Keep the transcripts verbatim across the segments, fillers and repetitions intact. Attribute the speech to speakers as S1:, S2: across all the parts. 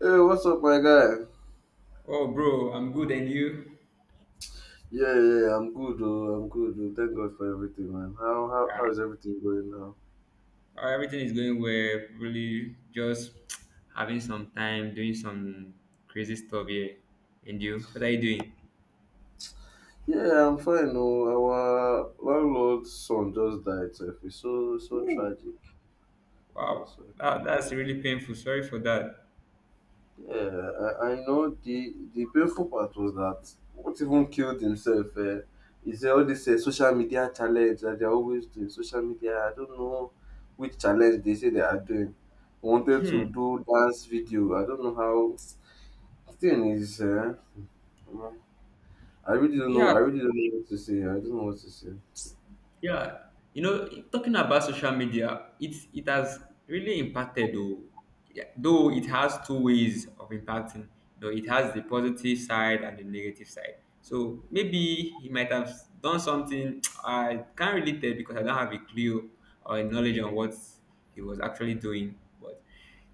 S1: Hey, what's up, my guy?
S2: Oh, bro, I'm good, and you?
S1: Yeah, yeah, I'm good, oh, I'm good. Oh. Thank God for everything, man. How how
S2: Yeah.
S1: how is everything going now?
S2: Oh, everything is going well. Really, just having some time doing some crazy stuff here. And you? What are you doing?
S1: Yeah, I'm fine. Oh, our landlord's son just died. So it's so so
S2: Woo.
S1: tragic, so
S2: Wow,
S1: so
S2: that, that's
S1: tragic.
S2: really painful. Sorry for that.
S1: Yeah, I, I know the the painful part was that what even killed himself uh, is all this uh, social media challenge that they're always doing. Social media, I don't know which challenge they say they are doing. Wanted to do dance video. I don't know how. Thing is, uh, I really don't know.
S2: Yeah.
S1: I really don't know what to say. I don't know what to say.
S2: Yeah, you know, talking about social media, it it has really impacted though. Yeah, though it has two ways of impacting. You know, it has the positive side and the negative side. So maybe he might have done something I can't really tell because I don't have a clue or a knowledge on what he was actually doing. But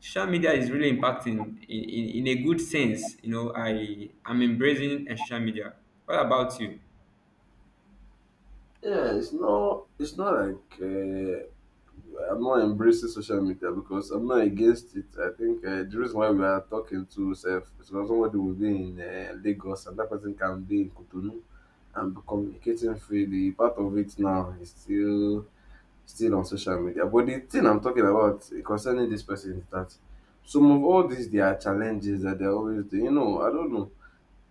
S2: social media is really impacting in, in, in a good sense. You know, I am embracing uh, social media. What about you?
S1: Yeah, it's not. It's not like uh, I'm not embracing social media because I'm not against it. I think uh, the reason why we are talking to self is because somebody will be in uh, Lagos and that person can be in Cotonou and be communicating freely. Part of it now is still still on social media. But the thing I'm talking about concerning this person is that some of all these there are challenges that they're always doing. You know, I don't know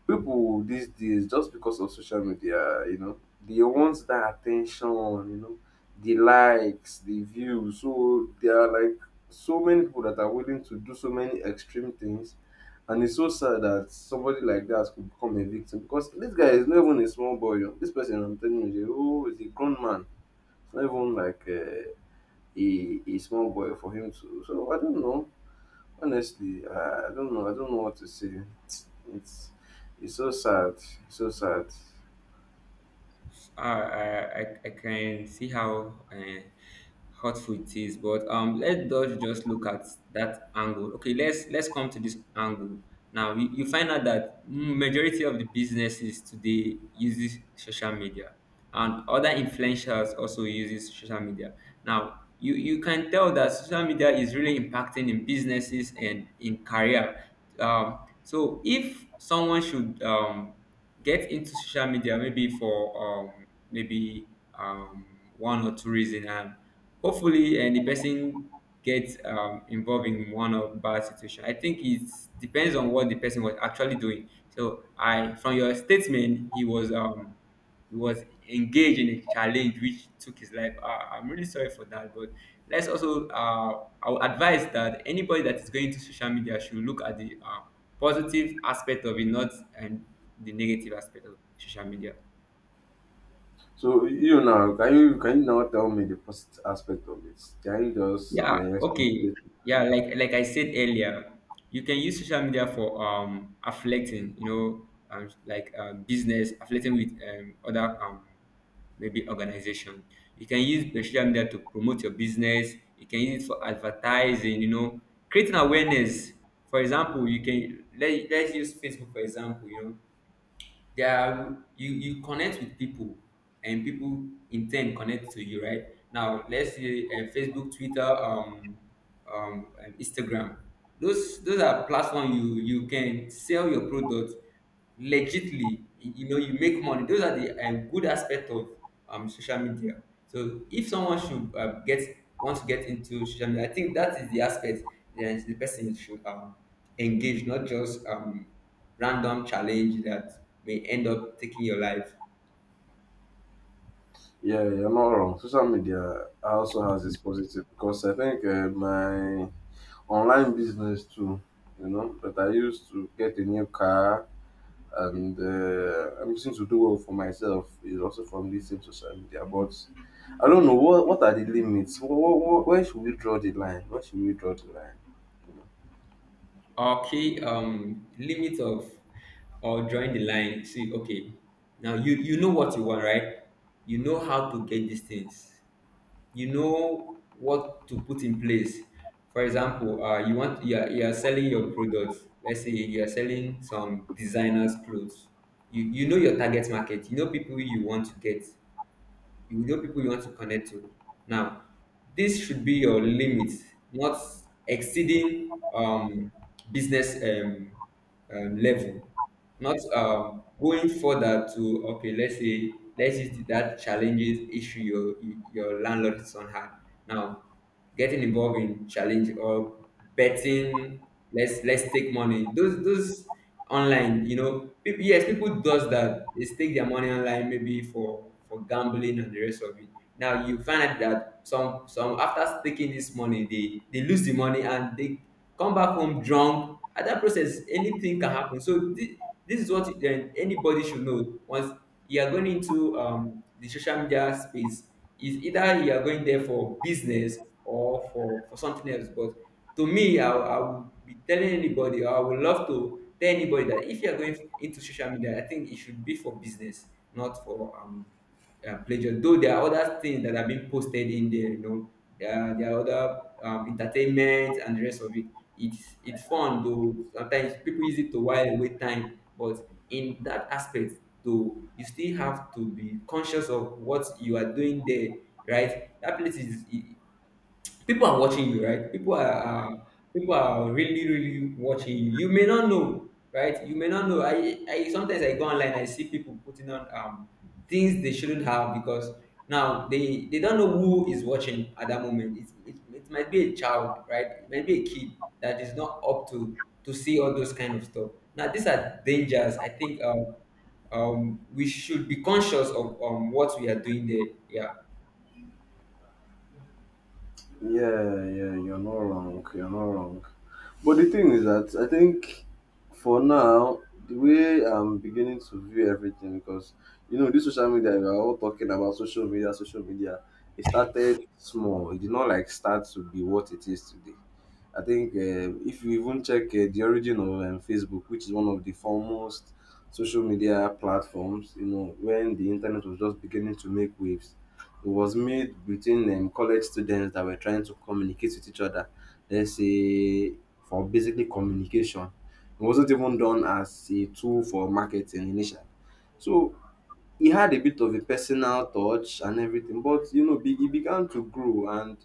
S1: people these days, just because of social media, you know, they want that attention, you know, the likes, the views. So there are like so many people that are willing to do so many extreme things, and it's so sad that somebody like that could become a victim, because this guy is not even a small boy. Oh, this person, I'm telling you, is a, oh, is a grown man. It's not even like uh, a a small boy for him to, so I don't know. Honestly, i, I don't know, I don't know what to say. it's it's so sad. It's so sad.
S2: uh, I, I I can see how uh, hurtful it is, but um, let us just look at that angle. Okay, let's let's come to this angle. Now you, you find out that majority of the businesses today uses social media, and other influencers also uses social media. Now you you can tell that social media is really impacting in businesses and in career. Um, so if someone should um get into social media maybe for um, maybe um, one or two reason and hopefully and the person gets um, involved in one of bad situation. I think it depends on what the person was actually doing. So I from your statement, he was um, he was engaged in a challenge which took his life. Uh, I'm really sorry for that, but let's also uh, I would advise that anybody that is going to social media should look at the uh, positive aspect of it, not and the negative aspect of social media.
S1: So you now, can you can you now tell me the positive aspect of it? Can you just
S2: Yeah,
S1: uh, explain
S2: okay.
S1: it?
S2: Yeah, like like I said earlier, you can use social media for um affiliating, you know, um, like uh, business affiliating with um, other um maybe organization. You can use the social media to promote your business. You can use it for advertising, you know, creating awareness. For example, you can let, let's use Facebook for example. You know, there are you you connect with people, and people in turn connect to you, right? Now let's say uh, Facebook, Twitter, um, um and Instagram. Those those are platform, you you can sell your product legitly. You you know, you make money. Those are the um, good aspect of um social media. So if someone should uh, get wants to get into social media, I think that is the aspect that the person should um engage, not just um random challenge that may end up taking your life.
S1: Yeah, you're not wrong. Social media also has its positive, because I think uh, my online business too, you know, that I used to get a new car and uh, I'm using to do well for myself is also from this same social media. But I don't know what what are the limits? What, what, where should we draw the line? Where should we draw the line?
S2: Okay, um, limit of or drawing the line. See, okay, now you you know what you want, right? You know how to get these things. You know what to put in place. For example, uh, you want you are, you are selling your products. Let's say you are selling some designers clothes. You you know your target market. You know people you want to get. You know people you want to connect to. Now, this should be your limit, not exceeding um, business um, um, level, not um, going further to. Okay, Let's say let's use that challenges issue your your landlord son had. Now, getting involved in challenge or betting, let's let's take money. Those those online, you know, people, yes, people does that. They stake their money online maybe for for gambling and the rest of it. Now you find out that some some, after staking this money, they they lose the money, and they come back home drunk. At that process, anything can happen. So this, this is what then anybody should know. Once you are going into um the social media space, is either you are going there for business or for for something else. But to me, I, I would be telling anybody, or I would love to tell anybody, that if you are going into social media, I think it should be for business, not for um uh, pleasure. Though there are other things that have been posted in there, you know, there are, there are other um, entertainment and the rest of it. It's it's fun though. Sometimes people use it to while away time, but in that aspect, though, you still have to be conscious of what you are doing there, right? That place is i- people are watching you, right? People are, are people are really really watching you. You may not know, right? You may not know. I I Sometimes I go online, I see people putting on um things they shouldn't have, because now they they don't know who is watching at that moment. It, it, it might be a child, right? It might be a kid that is not up to to see all those kind of stuff. Now these are dangers. I think um um, we should be conscious of um, what we are doing there. Yeah.
S1: Yeah, yeah, you're not wrong. You're not wrong. But the thing is that I think for now, the way I'm beginning to view everything, because, you know, this social media, we are all talking about social media, social media. It started small. It did not like start to be what it is today. I think um, if you even check uh, the origin of um, Facebook, which is one of the foremost social media platforms, you know, when the internet was just beginning to make waves, it was made between um, college students that were trying to communicate with each other. Let's say for basically communication, it wasn't even done as a tool for marketing initially. So it had a bit of a personal touch and everything, but you know, be- it began to grow, and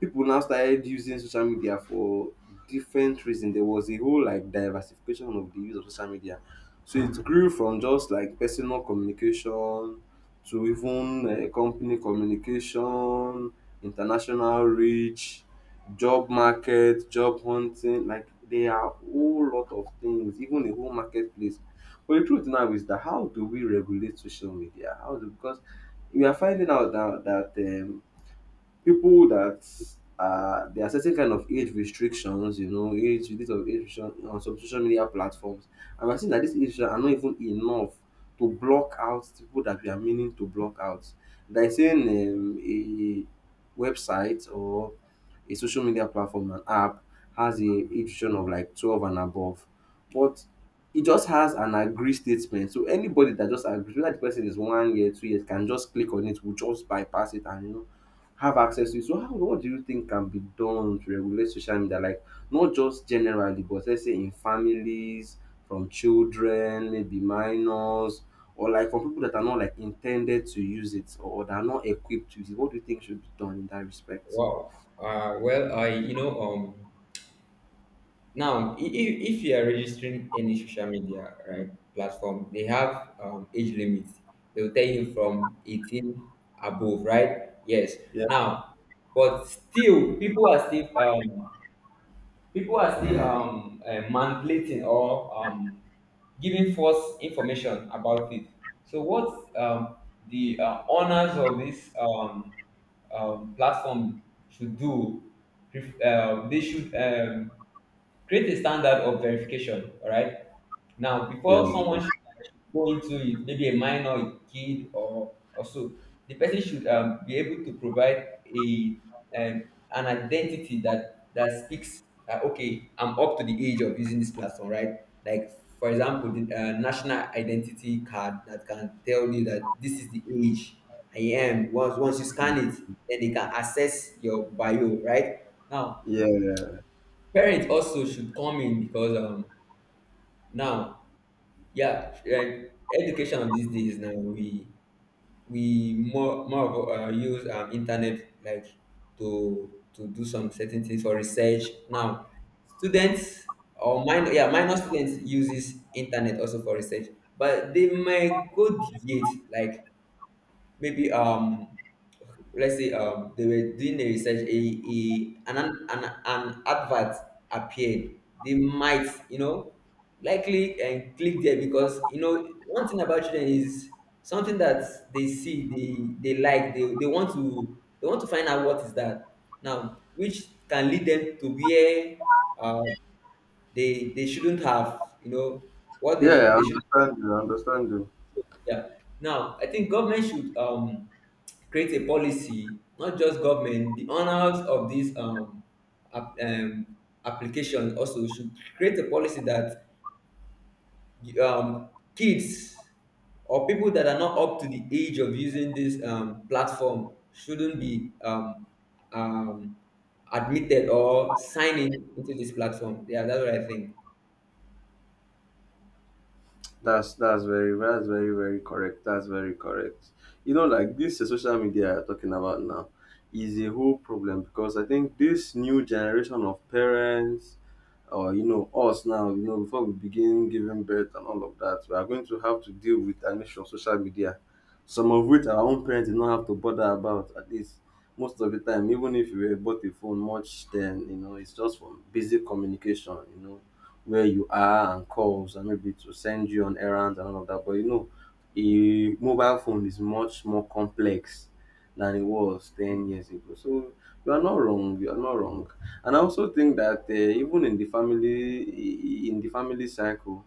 S1: people now started using social media for different reasons. There was a whole like diversification of the use of social media. So it grew from just like personal communication to even uh, company communication, international reach, job market, job hunting. Like there are a whole lot of things, even a whole marketplace. But the truth now is, that how do we regulate social media? How do, because we are finding out that that um, people that are, there are certain kind of age restrictions, you know, age this of age restriction on some social media platforms. And we're seeing that these age restrictions are not even enough to block out the people that we are meaning to block out. There is saying um, a website or a social media platform, an app, has a age restriction of like twelve and above. But it just has an agree statement. So anybody that just agrees, whether the person is one year, two years, can just click on it, will just bypass it and, you know, have access to it. So how, what do you think can be done to regulate social media? Like not just generally, but let's say in families, from children, maybe minors, or like from people that are not like intended to use it or that are not equipped to use it. What do you think should be done in that respect?
S2: Wow. Uh, well, I you know, um now, if, if you are registering any social media, right, platform, they have um, age limits. They will tell you from eighteen above, right? Yes.
S1: Yeah,
S2: Now, but still, people are still um, people are still um, uh, manipulating or um, giving false information about it. So, what um, the uh, owners of this um, um, platform should do, if, uh, they should um, create a standard of verification, all right? Now,
S1: yeah,
S2: before someone should go into it, maybe a minor, a kid, or or so, the person should um, be able to provide a um, an identity that that speaks. Uh, okay, I'm up to the age of using this platform, right? Like for example, the uh, national identity card that can tell you that this is the age I am. Once once you scan it, then they can access your bio, right? Now,
S1: yeah, yeah.
S2: parents also should come in, because um, now yeah. And education these days, now we we more more of uh, use um, internet like to to do some certain things for research. Now, students or minor, yeah, minor students uses internet also for research, but they might go deviate like maybe um let's say um they were doing the research, a, a an, an an advert appeared. They might, you know, likely and click there, because you know one thing about children is something that they see, they they like they, they want to they want to find out what is that, now, which can lead them to where uh, they they shouldn't have, you know, what they, sh-
S1: Yeah, I
S2: they should.
S1: understand you. I understand you.
S2: Yeah. Now, I think government should um, create a policy, not just government, the owners of this um, app, um, application also should create a policy that um, kids or people that are not up to the age of using this um, platform shouldn't be um, um, admitted or sign in into this platform. Yeah, that's what I think.
S1: That's that's very, that's very very correct. That's very correct. You know, like this uh, social media you're talking about now is a whole problem, because I think this new generation of parents, or you know, us now, you know, before we begin giving birth and all of that, we are going to have to deal with an issue of social media. Some of which our own parents did not have to bother about, at least most of the time, even if you were bought a phone much then, you know, it's just for basic communication, you know, where you are and calls, and maybe to send you on errands and all of that. But you know, a mobile phone is much more complex than it was ten years ago. So you are not wrong. You are not wrong. And I also think that uh, even in the family, in the family cycle,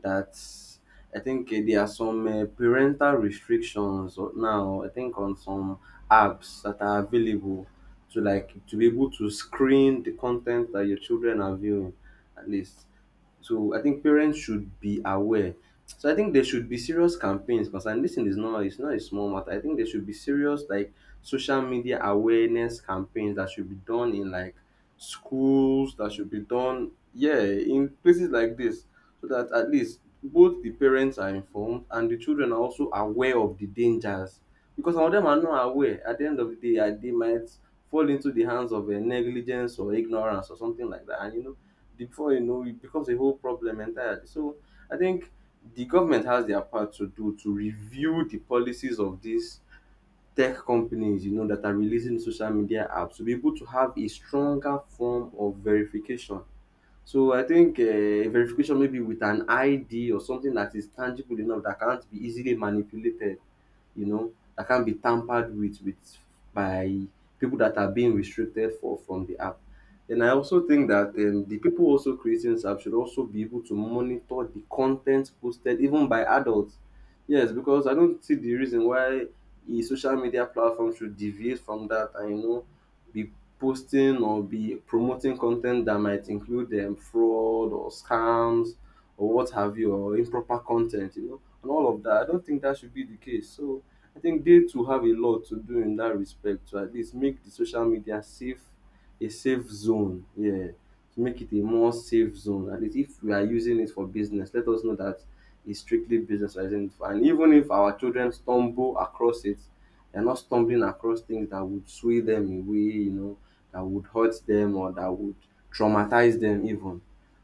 S1: that I think uh, there are some uh, parental restrictions or- now. I think on some apps that are available to like to be able to screen the content that your children are viewing, at least. So I think parents should be aware. So I think there should be serious campaigns concerning this thing, is normal, it's not a small matter. I think there should be serious like social media awareness campaigns that should be done in like schools, that should be done, yeah, in places like this. So that at least both the parents are informed and the children are also aware of the dangers. Because some of them are not aware. At the end of the day, uh, they might fall into the hands of a negligence or ignorance or something like that. And you know, before you know, it becomes a whole problem entirely. So I think the government has their part to do, to review the policies of these tech companies, you know, that are releasing social media apps, to be able to have a stronger form of verification. So I think uh, verification, maybe with an I D or something that is tangible enough that can't be easily manipulated, you know, that can't be tampered with with by people that are being restricted for from the app. And I also think that um, the people also creating this app should also be able to monitor the content posted even by adults. Yes, because I don't see the reason why a social media platform should deviate from that and, you know, be posting or be promoting content that might include um, fraud or scams or what have you or improper content, you know, and all of that. I don't think that should be the case. So I think they too have a lot to do in that respect, to at least make the social media safe, a safe zone. Yeah, to make it a more safe zone. At least if we are using it for business, let us know that it's strictly business we're using it for. And even if our children stumble across it, they're not stumbling across things that would sway them away, you know, that would hurt them or that would traumatize them even.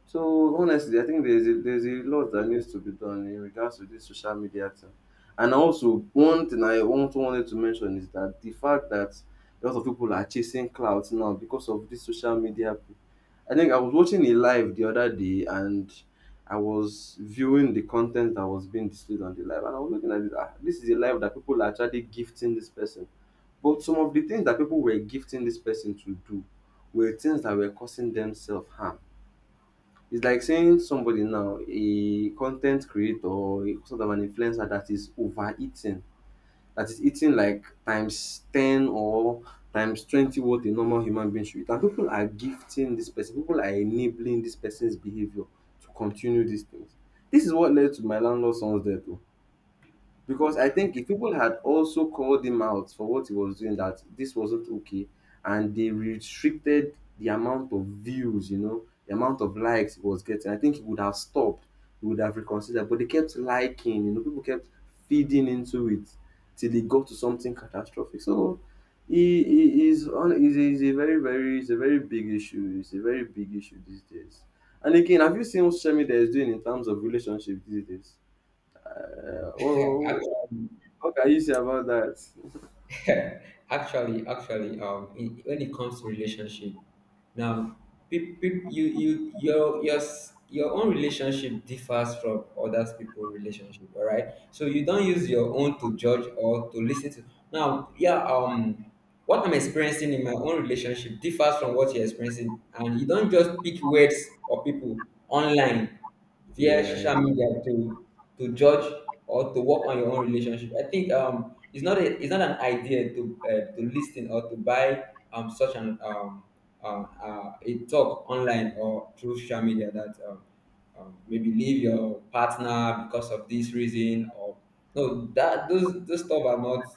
S1: So honestly, I think there's a, there's a lot that needs to be done in regards to this social media thing. And also one thing I also wanted to mention is that the fact that a lot of people are chasing clout now because of this social media. p- I think I was watching a live the other day, and I was viewing the content that was being displayed on the live, and I was looking at it, ah, this is a live that people are actually gifting this person. But some of the things that people were gifting this person to do were things that were causing themselves harm. It's like saying somebody now, a content creator, or a- sort of an influencer that is overeating, that is eating like times ten or times twenty what a normal human being should eat. And people are gifting this person, people are enabling this person's behavior to continue these things. This is what led to my landlord son's death. Oh. Because I think if people had also called him out for what he was doing, that this wasn't okay, and they restricted the amount of views, you know, the amount of likes he was getting, I think he would have stopped. He would have reconsidered. But they kept liking, you know, people kept feeding into it till it got to something catastrophic. So he, he is on is a, is a very very it's a very big issue. It's a very big issue these days. And again, have you seen what social media is doing in terms of relationships these days? Uh,
S2: I
S1: what, what can you say about that?
S2: actually, actually, um, in, when it comes to relationship, now, peop, peop, you, you, your, your, s- your own relationship differs from others people's relationship. All right, so you don't use your own to judge or to listen to. Now, yeah, um, what I'm experiencing in my own relationship differs from what you're experiencing, and you don't just pick words or people online via
S1: Yeah.
S2: social media to to judge or to work on your own relationship. I think um it's not a, it's not an idea to uh, to listen or to buy um such an um um uh, a talk online or through social media that um, um maybe leave your partner because of this reason or no. That those those stuff are not,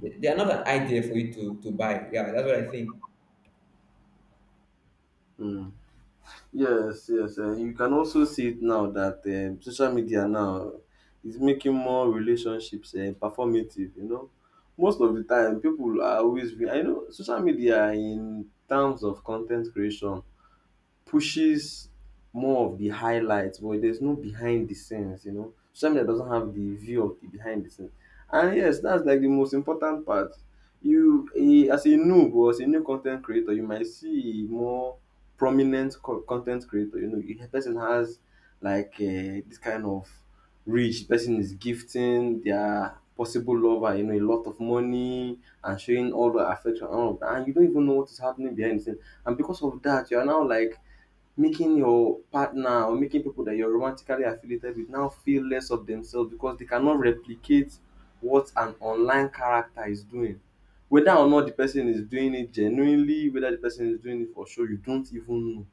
S2: they they are not an idea for you to to buy. Yeah, that's what I think.
S1: Mm. Yes, yes. Uh, you can also see it now that um, social media now is making more relationships uh, performative. You know, most of the time people are always. Be, I know social media in terms of content creation pushes more of the highlights, but there's no behind the scenes, you know. Social media doesn't have the view of the behind the scenes. And yes, that's like the most important part. You a as a noob or as a new content creator, you might see a more prominent co con creator, you know, a person has like um this kind of reach, the person is gifting their possible lover, you know, a lot of money and showing all the affection and all of that, and you don't even know what is happening behind the scenes. And because of that you are now like making your partner or making people that you're romantically affiliated with now feel less of themselves because they cannot replicate what an online character is doing. Whether or not the person is doing it genuinely, whether the person is doing it for show, you don't even know.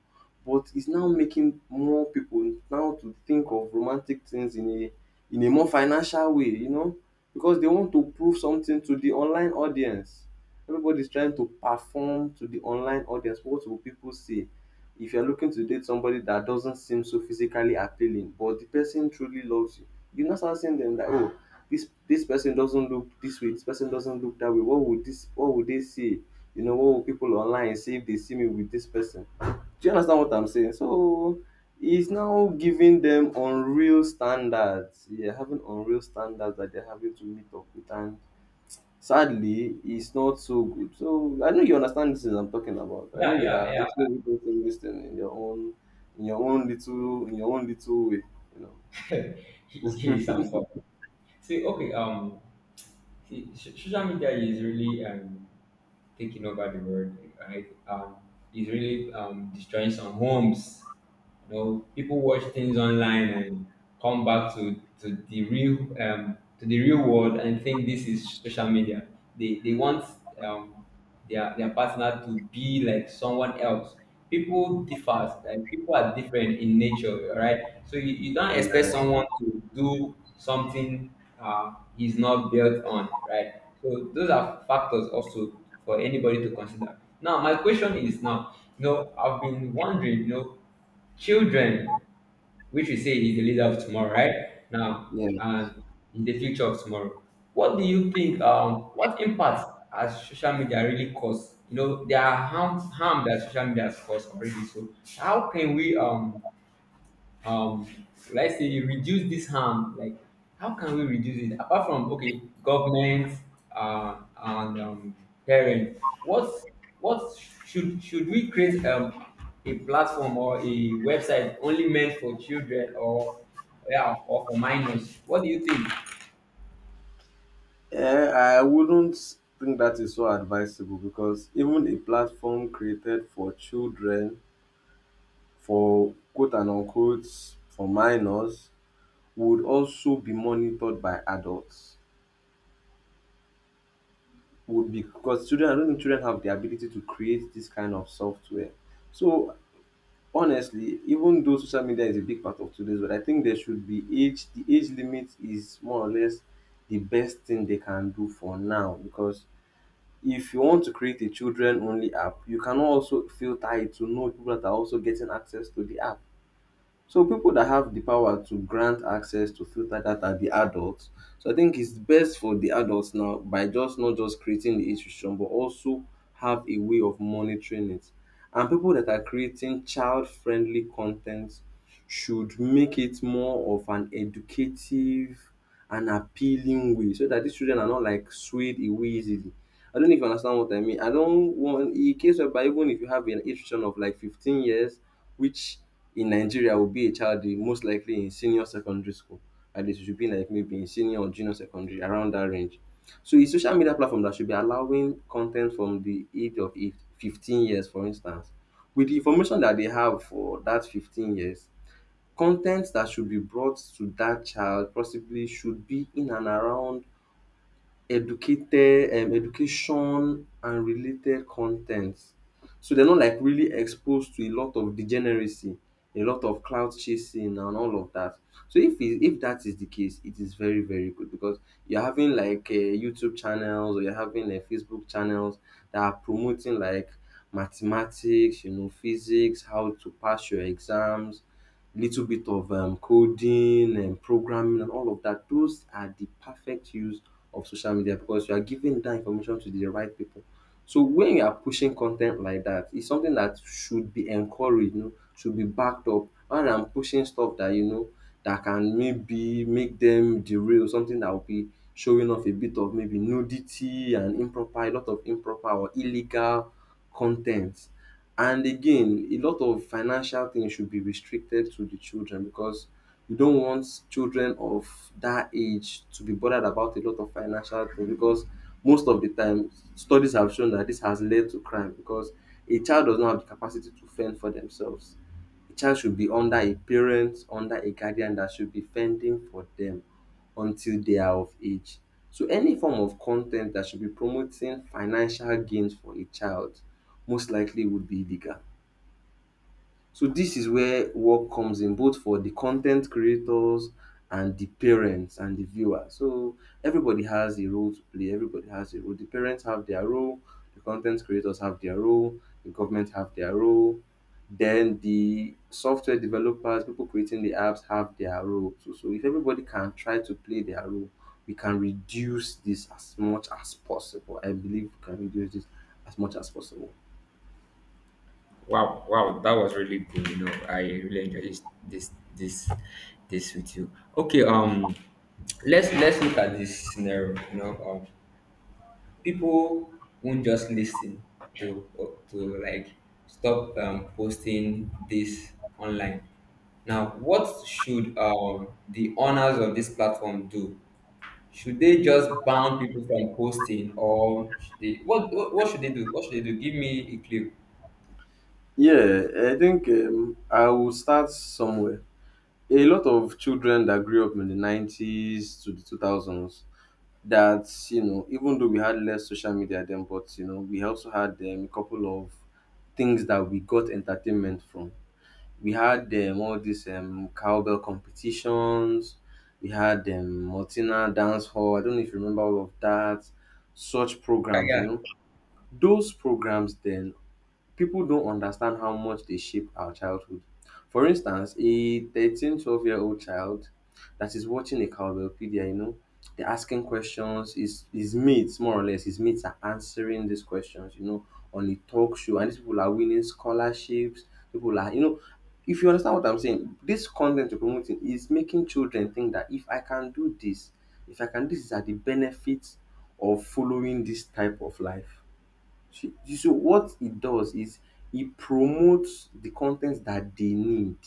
S1: But it's now making more people now to think of romantic things in a in a more financial way, you know, because they want to prove something to the online audience. Everybody's trying to perform to the online audience. What will people say? If you're looking to date somebody that doesn't seem so physically appealing, but the person truly loves you, you now start seeing them that, oh, this this person doesn't look this way, this person doesn't look that way. What would this? What would they see? You know, what will people online say if they see me with this person? Do you understand what I'm saying? So it's now giving them unreal standards. Yeah, having unreal standards that they're having to meet up with, and sadly, it's not so good. So I know you understand this is I'm talking about. I know
S2: Yeah,
S1: you
S2: yeah,
S1: are also
S2: yeah.
S1: witnessing this thing in your own in your own little in your own little way, you know.
S2: Here is he is important. See, okay, um, see, so- social media is really um taking over the world. Right? Um, it's really um, destroying some homes. You know, people watch things online and come back to, to the real um, to the real world and think this is social media. They they want um, their their partner to be like someone else. People differ. Like people are different in nature, all right? So you, you don't expect
S1: Yeah.
S2: someone to do something uh, he's not built on, right? So those are factors also for anybody to consider. Now, my question is now, you know, I've been wondering, you know, children, which we say is the leader of tomorrow, right? Now
S1: Yeah,
S2: and is the future of tomorrow. What do you think? Um, what impact has social media really caused? You know, there are harm harm that social media has caused already. So how can we um um would I say reduce this harm? Like how can we reduce it? Apart from okay, government uh, and um, parents, what what should should we create um, a platform or a website only meant for children or yeah or for minors? What do you think?
S1: Eh, I wouldn't think that is so advisable because even a platform created for children, for quote and unquote, for minors, would also be monitored by adults. Would be, because children, I don't think children have the ability to create this kind of software. So honestly, even though social media is a big part of today's world, I think there should be age. The age limit is more or less the best thing they can do for now, because if you want to create a children only app, you cannot also feel tied to know people that are also getting access to the app. So people that have the power to grant access to filter that are the adults. So I think it's best for the adults now by just not just creating the institution but also have a way of monitoring it. And people that are creating child-friendly content should make it more of an educative and appealing way so that these children are not like swayed away easily. I don't know if you understand what I mean. I don't want in case whereby even if you have an institution of like fifteen years, which in Nigeria will be a child in most likely in senior secondary school, and it should be like maybe in senior or junior secondary around that range. So a social media platform that should be allowing content from the age of eight to fifteen years, for instance, with the information that they have for that fifteen years, content that should be brought to that child possibly should be in and around educated um, education and related content. So they're not like really exposed to a lot of degeneracy, a lot of cloud chasing and all of that. So if it, if that is the case, it is very very good because you're having like uh, YouTube channels or you're having like Facebook channels that are promoting like mathematics, you know, physics, how to pass your exams, little bit of um, coding and programming and all of that. Those are the perfect use of social media because you are giving that information to the right people. So when you are pushing content like that, it's something that should be encouraged, you know, should be backed up. Rather than pushing stuff that you know that can maybe make them derail, something that will be showing off a bit of maybe nudity and improper, a lot of improper or illegal content. And again, a lot of financial things should be restricted to the children, because we don't want children of that age to be bothered about a lot of financial things because most of the time studies have shown that this has led to crime because a child does not have the capacity to fend for themselves. A child should be under a parent, under a guardian that should be fending for them until they are of age. So any form of content that should be promoting financial gains for a child most likely would be illegal. So this is where work comes in, both for the content creators and the parents and the viewer. So everybody has a role to play. Everybody has a role. The parents have their role. The content creators have their role. The government have their role. Then the software developers, people creating the apps, have their role too. So if everybody can try to play their role, we can reduce this as much as possible. I believe we can reduce this as much as possible.
S2: Wow, wow, that was really good. You know, I really enjoyed this this this this with you. Okay, um let's let's look at this scenario, you know. um. People won't just listen to to like stop um, posting this online. Now, what should um, the owners of this platform do? Should they just ban people from posting, or should they, what, what what should they do? What should they do? Give me a clue.
S1: Yeah, I think um, I will start somewhere. A lot of children that grew up in the nineties to the two thousands, that, you know, even though we had less social media then, but, you know, we also had um, a couple of things that we got entertainment from. We had um, all these um, cowbell competitions, we had um, Martina Dance Hall. I don't know if you remember all of that, such programs, you
S2: Yeah,
S1: know. Those programs then, people don't understand how much they shape our childhood. For instance, a thirteen, twelve year old child that is watching a cowbellpedia, you know, they're asking questions, his, his mates, more or less, his mates are answering these questions, you know, on a talk show, and these people are winning scholarships, people are, you know, if you understand what I'm saying, this content you're promoting is making children think that if I can do this, if I can, this is at the benefit of following this type of life. She, she- so what it does is it promotes the content that they need.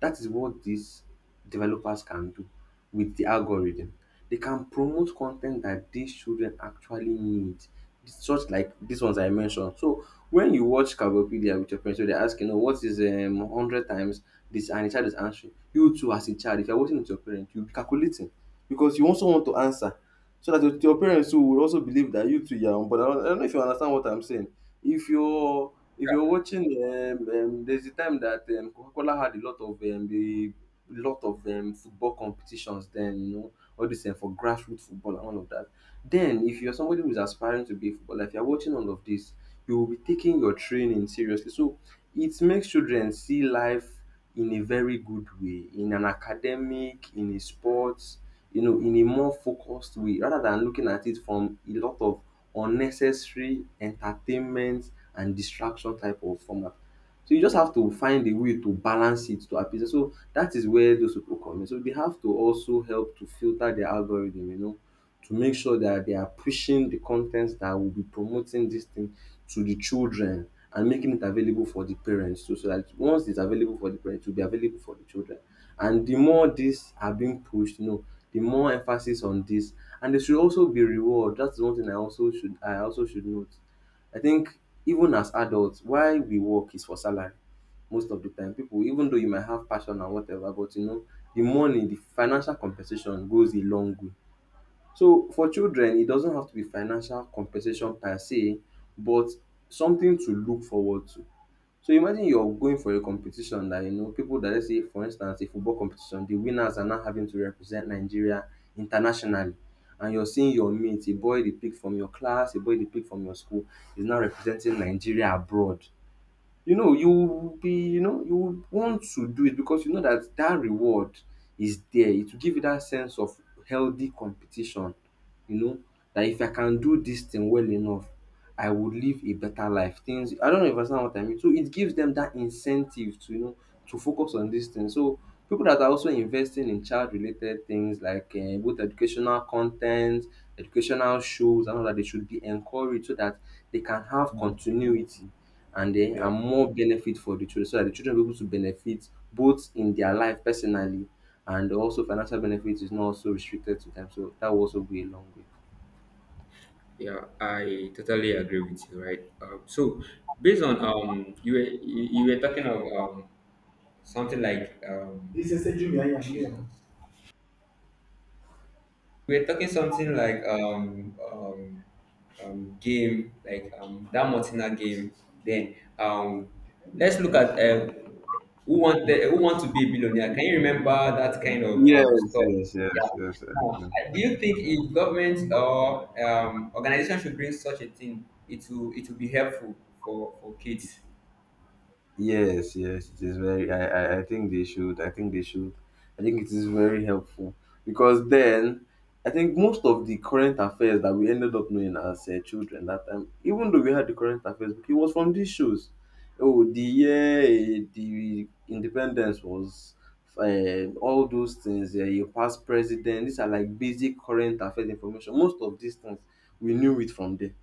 S1: That is what these developers can do with the algorithm. They can promote content that these children actually need, such like these ones I mentioned. So when you watch Carbopedia with your friends, so they're asking, oh, what is um, one hundred times this, and the child is answering. You too, as a child, if you're watching with your parent, you'll be calculating because you also want to answer so that your your parents too will also believe that you too you are on board. I don't I don't know if you understand what I'm saying. If you're if you're watching, um, um, there's a time that um, Coca-Cola had a lot of um, the lot of um, football competitions. Then you know all this um, for grassroots football and all of that. Then if you're somebody who's aspiring to be a footballer, if you're watching all of this, you will be taking your training seriously. So it makes children see life in a very good way, in an academic, in a sport, you know, in a more focused way rather than looking at it from a lot of unnecessary entertainment and distraction type of format. So you just have to find a way to balance it to appease. So that is where those people come in. So they have to also help to filter their algorithm, you know, to make sure that they are pushing the contents that will be promoting this thing to the children and making it available for the parents too. So that once it's available for the parents, it will be available for the children. And the more these are being pushed, you know, the more emphasis on this. And there should also be reward. That's one thing I also should I also should note. I think even as adults, why we work is for salary most of the time. People, even though you might have passion and whatever, but you know, the money, the financial compensation goes a long way. So for children, it doesn't have to be financial compensation per se, but something to look forward to. So imagine you're going for a competition that you know people that, let's say for instance a football competition, the winners are now having to represent Nigeria internationally. And you're seeing your mate, a boy they picked from your class, a boy they picked from your school, is now representing Nigeria abroad. You know you will be, you know you will want to do it, because you know that that reward is there. It will give you that sense of healthy competition, you know, that if I can do this thing well enough I would live a better life things. I don't know if you understand what I mean. So it gives them that incentive to, you know, to focus on this thing. So people that are also investing in child related things like um both educational content, educational shows and all that, they should be encouraged so that they can have continuity and then
S2: yeah,
S1: and more benefit for the children, so that the children will be able to benefit both in their life personally, and also financial benefit is not also restricted to them. So that will also go a long way.
S2: yeah. I totally agree with you, right? Um, so, based on um, you were you, you were talking of um, something like um, this is a junior, yeah, yeah. We we're talking something like um um um game, like um that Martina game, then um let's look at uh, who want the, who want to be a billionaire. Can you remember that kind of
S1: Yes,
S2: um stuff?
S1: yes,
S2: Yeah.
S1: yes, yes, I
S2: Now,
S1: do.
S2: I- do you think if government or um organization should bring such a thing, it will it will be helpful for for kids?
S1: Yes, yes, it is very. I, I, I think they should. I think they should. I think it is very helpful, because then I think most of the current affairs that we ended up knowing as uh, children that time, even though we had the current affairs, it was from these shows. Oh, the year eh, the independence was. Uh, all those things, uh, your past president, these are like basic current affairs information. Most of these things we knew it from there.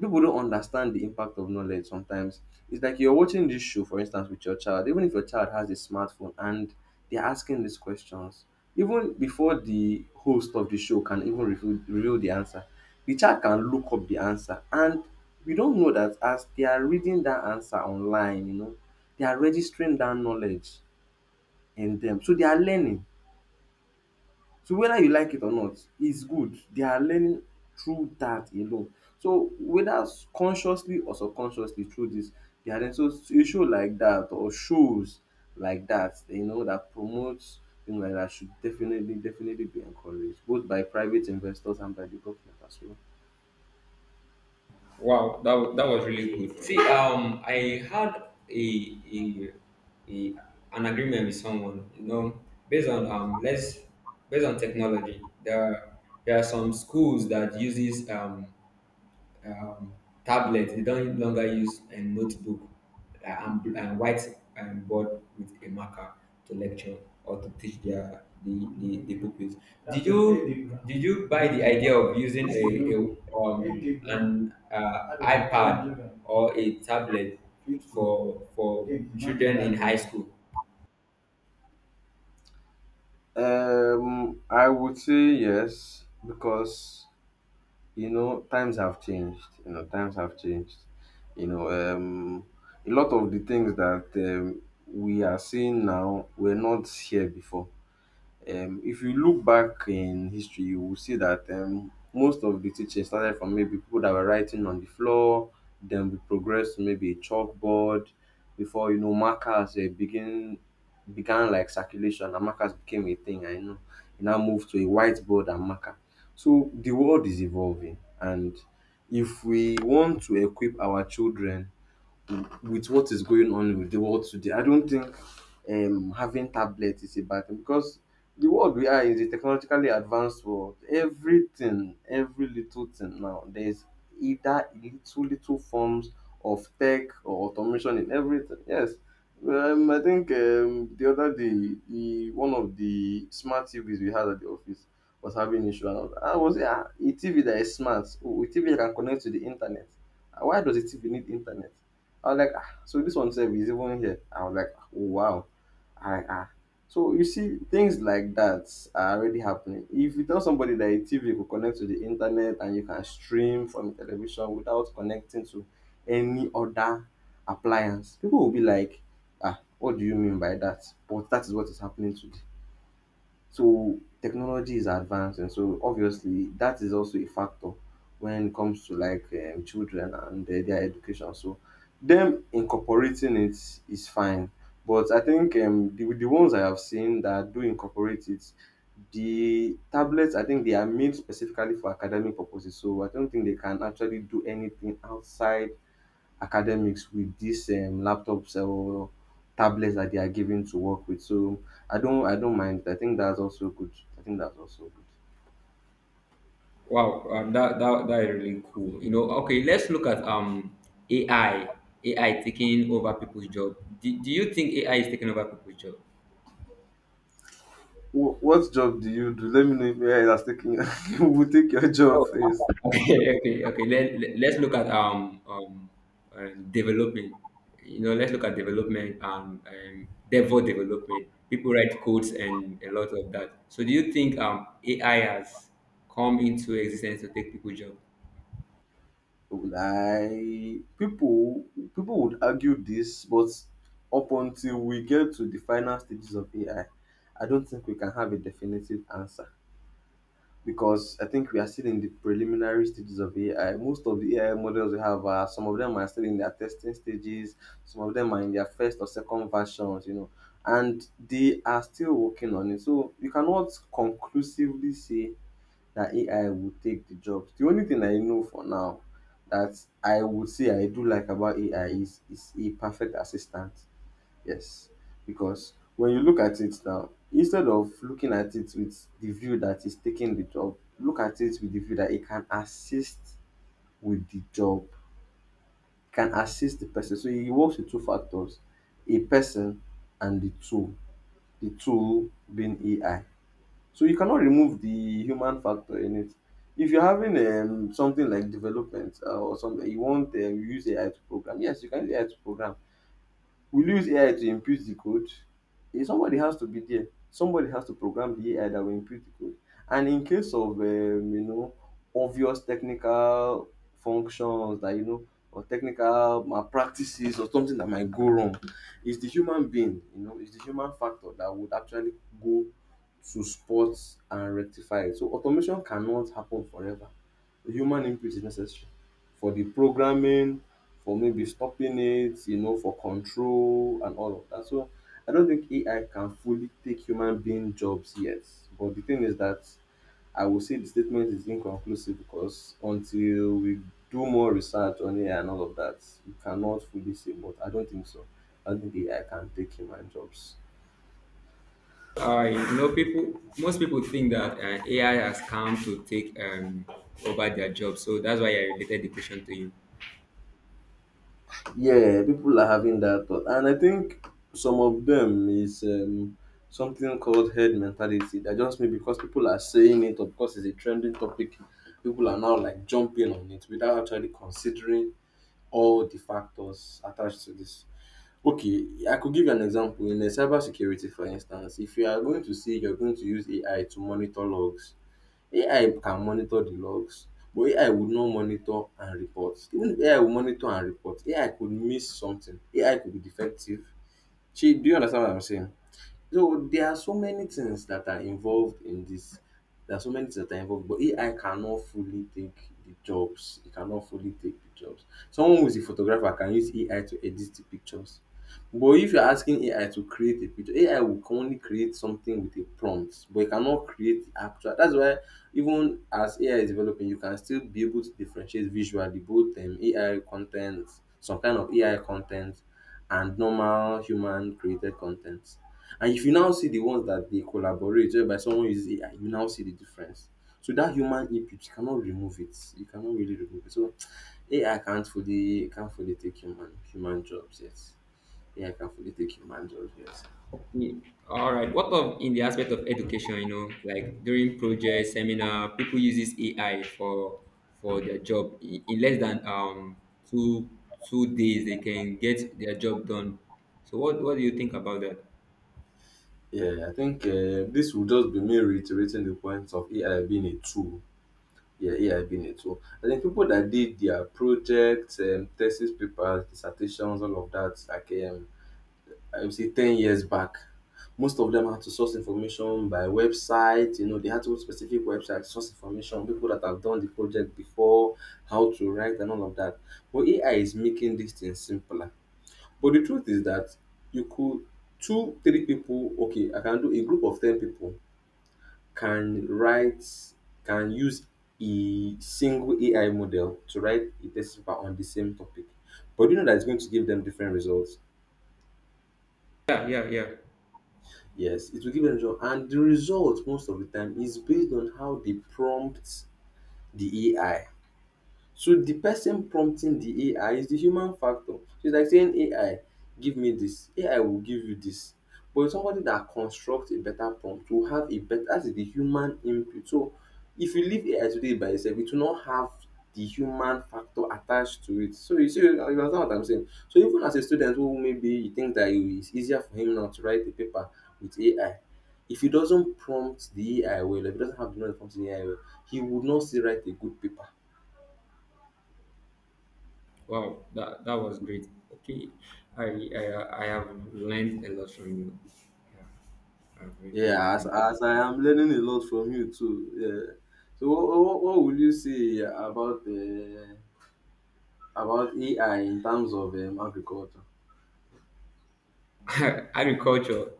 S1: People don't understand the impact of knowledge sometimes. It's like you're watching this show, for instance, with your child. Even if your child has a smartphone and they're asking these questions, even before the host of the show can even reveal, reveal the answer, the child can look up the answer. And we don't know that as they are reading that answer online, you know, they are registering that knowledge in them. So they are learning, so whether you like it or not, it's good. They are learning through that alone. So whether s- consciously or subconsciously through this, they are learning. So s- a show like that or shows like that, you know, that promotes things like that should definitely, definitely be encouraged, both by private investors and by the government as well.
S2: Wow, that was, that was really good. See, um, I had a, a, a an agreement with someone, you know, based on um, let's based on technology. There are, there are some schools that uses um um, tablet. They don't longer use a notebook uh, and, and white um, board with a marker to lecture or to teach their the, the, the pupils. Did you did you buy the idea of using a, a um, an uh, iPad or a tablet for for children in high school?
S1: Um, I would say yes, because you know times have changed you know times have changed, you know. Um a lot of the things that um, we are seeing now were not here before. Um, if you look back in history, you will see that um, most of the teaching started from maybe people that were writing on the floor, then we progressed to maybe a chalkboard before, you know, markers uh, begin began like circulation and markers became a thing. I know it now moved to a whiteboard and marker. So the world is evolving, and if we want to equip our children with what is going on with the world today, I don't think um, having tablet is a bad thing, because the world we are is a technologically advanced world. Everything, every little thing now, there's either little, little forms of tech or automation in everything. Yes. Um, I think um, the other day, the one of the smart T Vs we had at the office was having issue. And I was I was, "Ah, a T V that is smart, oh, a T V that can connect to the internet. Ah, why does a T V need internet?" I was like, ah, so this one self is even here. I was like, oh, wow. I, ah. So you see, things like that are already happening. If you tell somebody that a T V could connect to the internet and you can stream from television without connecting to any other appliance, people will be like, ah, what do you mean by that? But that is what is happening today. So technology is advanced, and so obviously that is also a factor when it comes to like um, children and uh, their education. So them incorporating it is fine. But I think um, the, the ones I have seen that do incorporate it, the tablets, I think they are made specifically for academic purposes. So I don't think they can actually do anything outside academics with these um, laptops or tablets that they are given to work with. So I don't I don't mind. I think that's also good. I think that's also good.
S2: Wow, uh, that, that that is really cool. You know, okay, let's look at um A I. A I taking over people's job. Do, do you think A I is taking over people's job?
S1: Wh- What job do you do? Let me know if A I is taking who will take your job
S2: Oh,
S1: first.
S2: okay, okay, okay. Let, let- let's look at um um uh, development. You know, let's look at development and um, Devo development. People write codes and a lot of that. So, do you think um A I has come into existence to take people's job?
S1: Like people, people would argue this, but up until we get to the final stages of A I, I I don't think we can have a definitive answer, because I think we are still in the preliminary stages of A I. Most of the A I models we have are, some of them are still in their testing stages, some of them are in their first or second versions, you know, and they are still working on it. So you cannot conclusively say that A I will take the jobs. The only thing I know for now that I would say I do like about A I is is a perfect assistant. Yes, because when you look at it now, instead of looking at it with the view that is taking the job, look at it with the view that it can assist with the job, it can assist the person. So it works with two factors, a person and the tool, the tool being A I. So you cannot remove the human factor in it. If you're having um, something like development uh, or something, you want um, use A I to program. Yes, you can use A I to program. Will you use A I to impute the code? Eh, somebody has to be there. Somebody has to program the A I that will impute the code. And in case of um, you know, obvious technical functions that you know or technical malpractices or something that might go wrong, it's the human being, you know, it's the human factor that would actually go to spot and rectify it. So automation cannot happen forever. The human input is necessary for the programming, for maybe stopping it, you know, for control and all of that. So I don't think A I can fully take human being jobs yet. But the thing is that I will say the statement is inconclusive, because until we do more research on A I and all of that, we cannot fully say. But I don't think so. I don't think A I can take human jobs.
S2: I know people. Most people think that uh, A I has come to take um, over their job, so that's why I related the question to you.
S1: Yeah, people are having that thought, and I think some of them is um, something called head mentality. That just me because people are saying it, or because it's a trending topic, people are now like jumping on it without actually considering all the factors attached to this. Okay, I could give you an example in the cybersecurity, for instance. If you are going to see, you're going to use A I to monitor logs, A I can monitor the logs, but A I would not monitor and report. Even if A I will monitor and report, A I could miss something, A I could be defective. Shey do you understand what I'm saying? So there are so many things that are involved in this. There are so many things that are involved, but A I cannot fully take the jobs. It cannot fully take the jobs. Someone who is a photographer can use A I to edit the pictures. But if you're asking A I to create a picture, A I will only create something with a prompt, but it cannot create the actual. That's why even as A I is developing, you can still be able to differentiate visually both um, A I content, some kind of A I content, and normal human created content. And if you now see the ones that they collaborate whereby someone uses A I, you now see the difference. So that human input, you cannot remove it. You cannot really remove it. So A I can't fully can't fully take human human jobs yet. A I can't fully take human jobs yet.
S2: Okay, all right. What of in the aspect of education? You know, like during project seminar, people uses A I for for their job. In, in less than um two two days, they can get their job done. So what what do you think about that?
S1: Yeah, I think um this will just be me reiterating the point of A I being a tool. Yeah, A I being a tool. I think people that did their projects, um, thesis papers, dissertations, all of that, like um I would say ten years back. Most of them had to source information by website, you know, they had to go to specific websites source information, people that have done the project before, how to write and all of that. But A I is making these things simpler. But the truth is that you could two, three people, okay, I can do a group of ten people can write can use a single A I model to write a test paper on the same topic. But you know that it's going to give them different results?
S2: Yeah, yeah, yeah.
S1: Yes, it will give them job. And the result most of the time is based on how they prompt the A I. So the person prompting the A I is the human factor. So it's like saying A I give me this, A I will give you this. But somebody that constructs a better prompt will have a better that is the human input. So if you leave A I today by itself, it will not have the human factor attached to it. So you see you understand what I'm saying. So even as a student who maybe he thinks that it is easier for him now to write a paper with A I, if he doesn't prompt the A I well, if he doesn't have the knowledge to prompt the A I well, he would not still write a good paper.
S2: Wow, that that was great. Okay, I I, I have learned a lot from you. Yeah, I've really
S1: Yeah, as,
S2: learned.
S1: as I am learning a lot from you too. Yeah. So what, what, what would you say about uh, about A I in terms of um, agriculture?
S2: agriculture,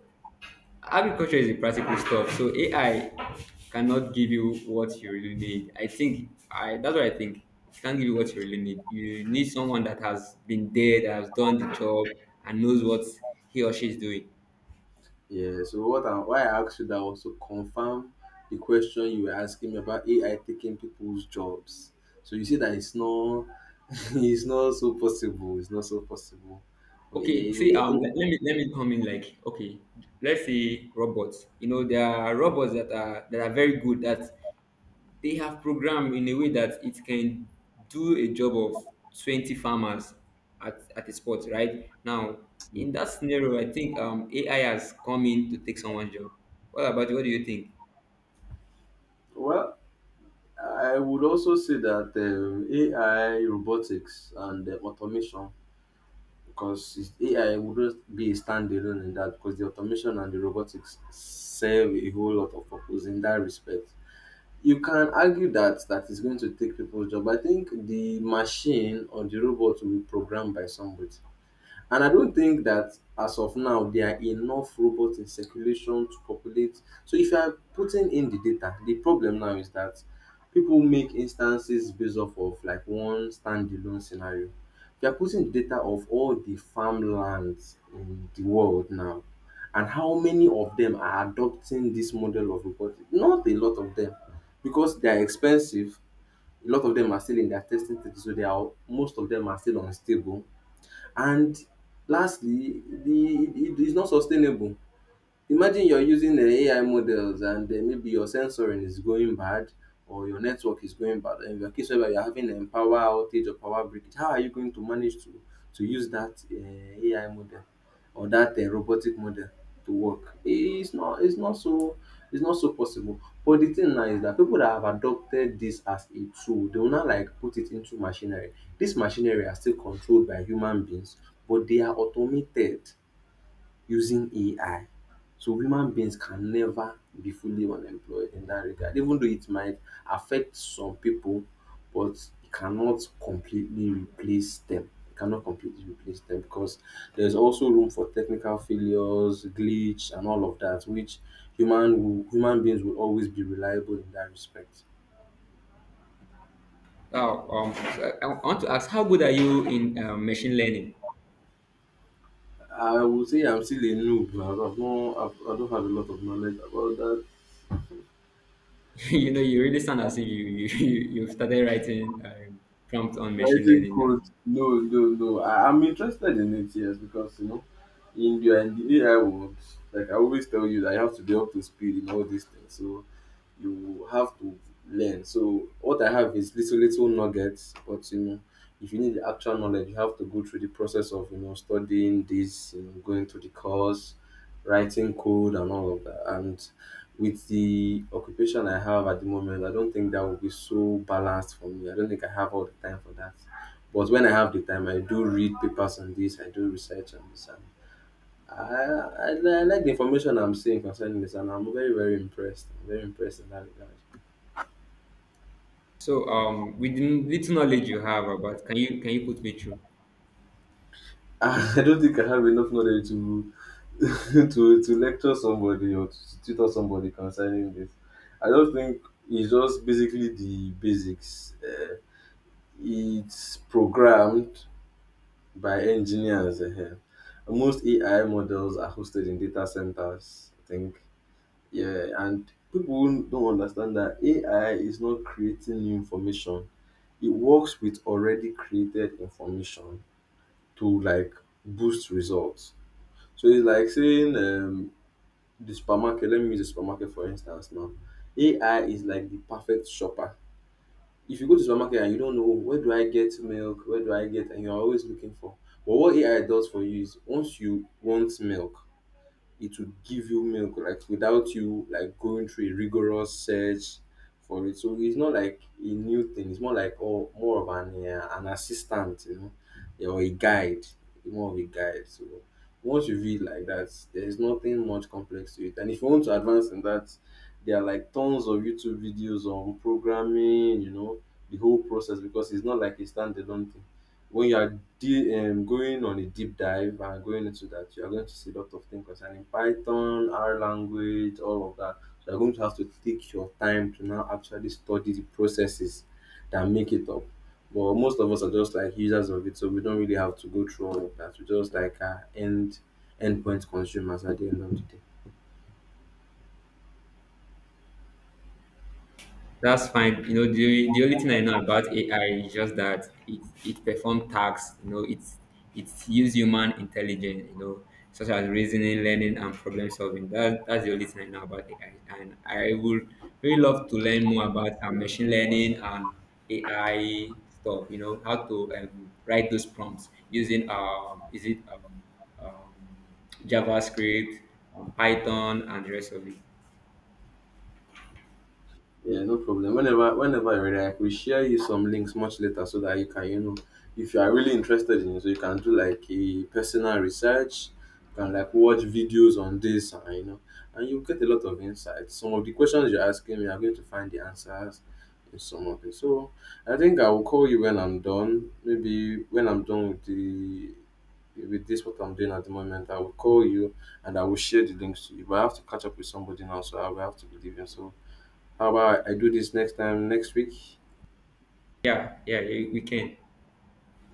S2: Agriculture is a practical stuff. So A I cannot give you what you really need. I think I That's what I think. It can't give you what you really need. You need someone that has been there, that has done the job, and knows what he or she is doing.
S1: Yeah. So what I, why I asked you that was to confirm the question you were asking me about A I taking people's jobs. So you see that it's not it's not so possible. It's not so possible. But
S2: Okay,
S1: yeah,
S2: see,
S1: it-
S2: um,
S1: it-
S2: let, let me let me come in. Like, okay, let's say robots. You know, there are robots that are that are very good. That they have programmed in a way that it can do a job of twenty farmers at at a spot. Right now, in that scenario, I think um A I has come in to take someone's job. What about you? What do you think?
S1: well, I would also say that um, A I robotics and uh, automation because it's- A I wouldn't be a standalone in that because the automation and the robotics serve a whole lot of purpose in that respect. You can argue that that is going to take people's job. I think the machine or the robot will be programmed by somebody. And I don't think that as of now there are enough robots in circulation to populate. So if you are putting in the data, the problem now is that people make instances based off of like one standalone scenario. They are putting the data of all the farmlands in the world now and how many of them are adopting this model of robotics. Not a lot of them because they are expensive. A lot of them are still in their testing stage, so they are most of them are still unstable and lastly the it it is not sustainable. Imagine you're using the A I models and um maybe your sensoring is going bad or your network is going bad in your case whereby you're having a power outage or power breakage. How are you going to manage to to use that um A I model or that um robotic model to work? It's not it's not so it's not so possible. But the thing now is that people that have adopted this as a tool, they will now like put it into machinery. This machinery are still controlled by human beings but they are automated using A I. So human beings can never be fully unemployed in that regard, even though it might affect some people, but it cannot completely replace them. It cannot completely replace them because there's also room for technical failures, glitch, and all of that, which human will, human beings will always be reliable in that respect.
S2: Now, um, so I, I want to ask, how good are you in uh, machine learning?
S1: I would say I'm still a noob. I've not, I've, I don't have a lot of knowledge about that.
S2: You know, you really sound as if you you you- you've started writing um, prompts on machine
S1: Writing
S2: learning.
S1: code?
S2: Um,
S1: No, no, no. I, I'm interested in it, yes, because you know, in the, in the A I world, like I always tell you, that you have to be up to speed in all these things. So you have to learn. So what I have is little little nuggets, but you know, if you need the actual knowledge, you have to go through the process of you know studying this, you know, going through the course, writing code, and all of that. And with the occupation I have at the moment, I don't think that will be so balanced for me. I don't think I have all the time for that. But when I have the time, I do read papers on this, I do research on this, and I, I, I like the information I'm seeing concerning this, and I'm very, very impressed. I'm very impressed in that regard.
S2: So um, with the little knowledge you have about, can you can you put me through?
S1: I don't think I have enough knowledge to to to lecture somebody or to tutor somebody concerning this. I don't think it's just basically the basics. Uh, it's programmed by engineers. uh Most A I models are hosted in data centers, I think. Yeah, and people who don't understand that A I is not creating new information. It works with already created information to like boost results. So it's like saying um, the supermarket. Let me use the supermarket for instance now. A I is like the perfect shopper if you go to supermarket and you don't know, "Oh, where do I get milk, where do I get," and you're always looking for. But what A I does for you is once you want milk, it would give you milk like without you like going through a rigorous search for it. So it's not like a new thing. It's more like oh, more of an uh, an assistant, you know, yeah, or a guide, more of a guide. So once you read like that, there is nothing much complex to it. And if you want to advance in that, there are like tons of YouTube videos on programming, you know, the whole process because it's not like a standalone thing when you are de- um, going on a deep dive and going into that, you are going to see a lot of things concerning Python, R language, all of that. So you're going to have to take your time to now actually study the processes that make it up. But most of us are just like users of it, so we don't really have to go through all of that. We just like uh, end endpoint consumers at the end of the day.
S2: That's fine. You know, the, the only thing I know about A I is just that it, it performs tasks, you know, it's it use human intelligence, you know, such as reasoning, learning, and problem solving. That that's the only thing I know about A I. And I would really love to learn more about uh, machine learning and A I stuff, you know, how to um, write those prompts using um is it um, um JavaScript, um, Python and the rest of it.
S1: Yeah, no problem. Whenever, whenever you're ready, I will share you some links much later so that you can, you know, if you are really interested in it, so you can do like a personal research, you can like watch videos on this, and you know, and you get a lot of insights. Some of the questions you're asking me, I'm going to find the answers in some of it. So I think I will call you when I'm done. Maybe when I'm done with the with this what I'm doing at the moment, I will call you and I will share the links to you. But I have to catch up with somebody now, so I will have to be leaving. So how about I do this next time next week?
S2: Yeah, yeah, we we can.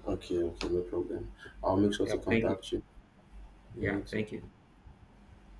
S1: Okay, okay, no problem. I'll make sure
S2: Yeah,
S1: to
S2: thank you.
S1: contact you. Yeah,
S2: Yeah,
S1: you too.
S2: thank you.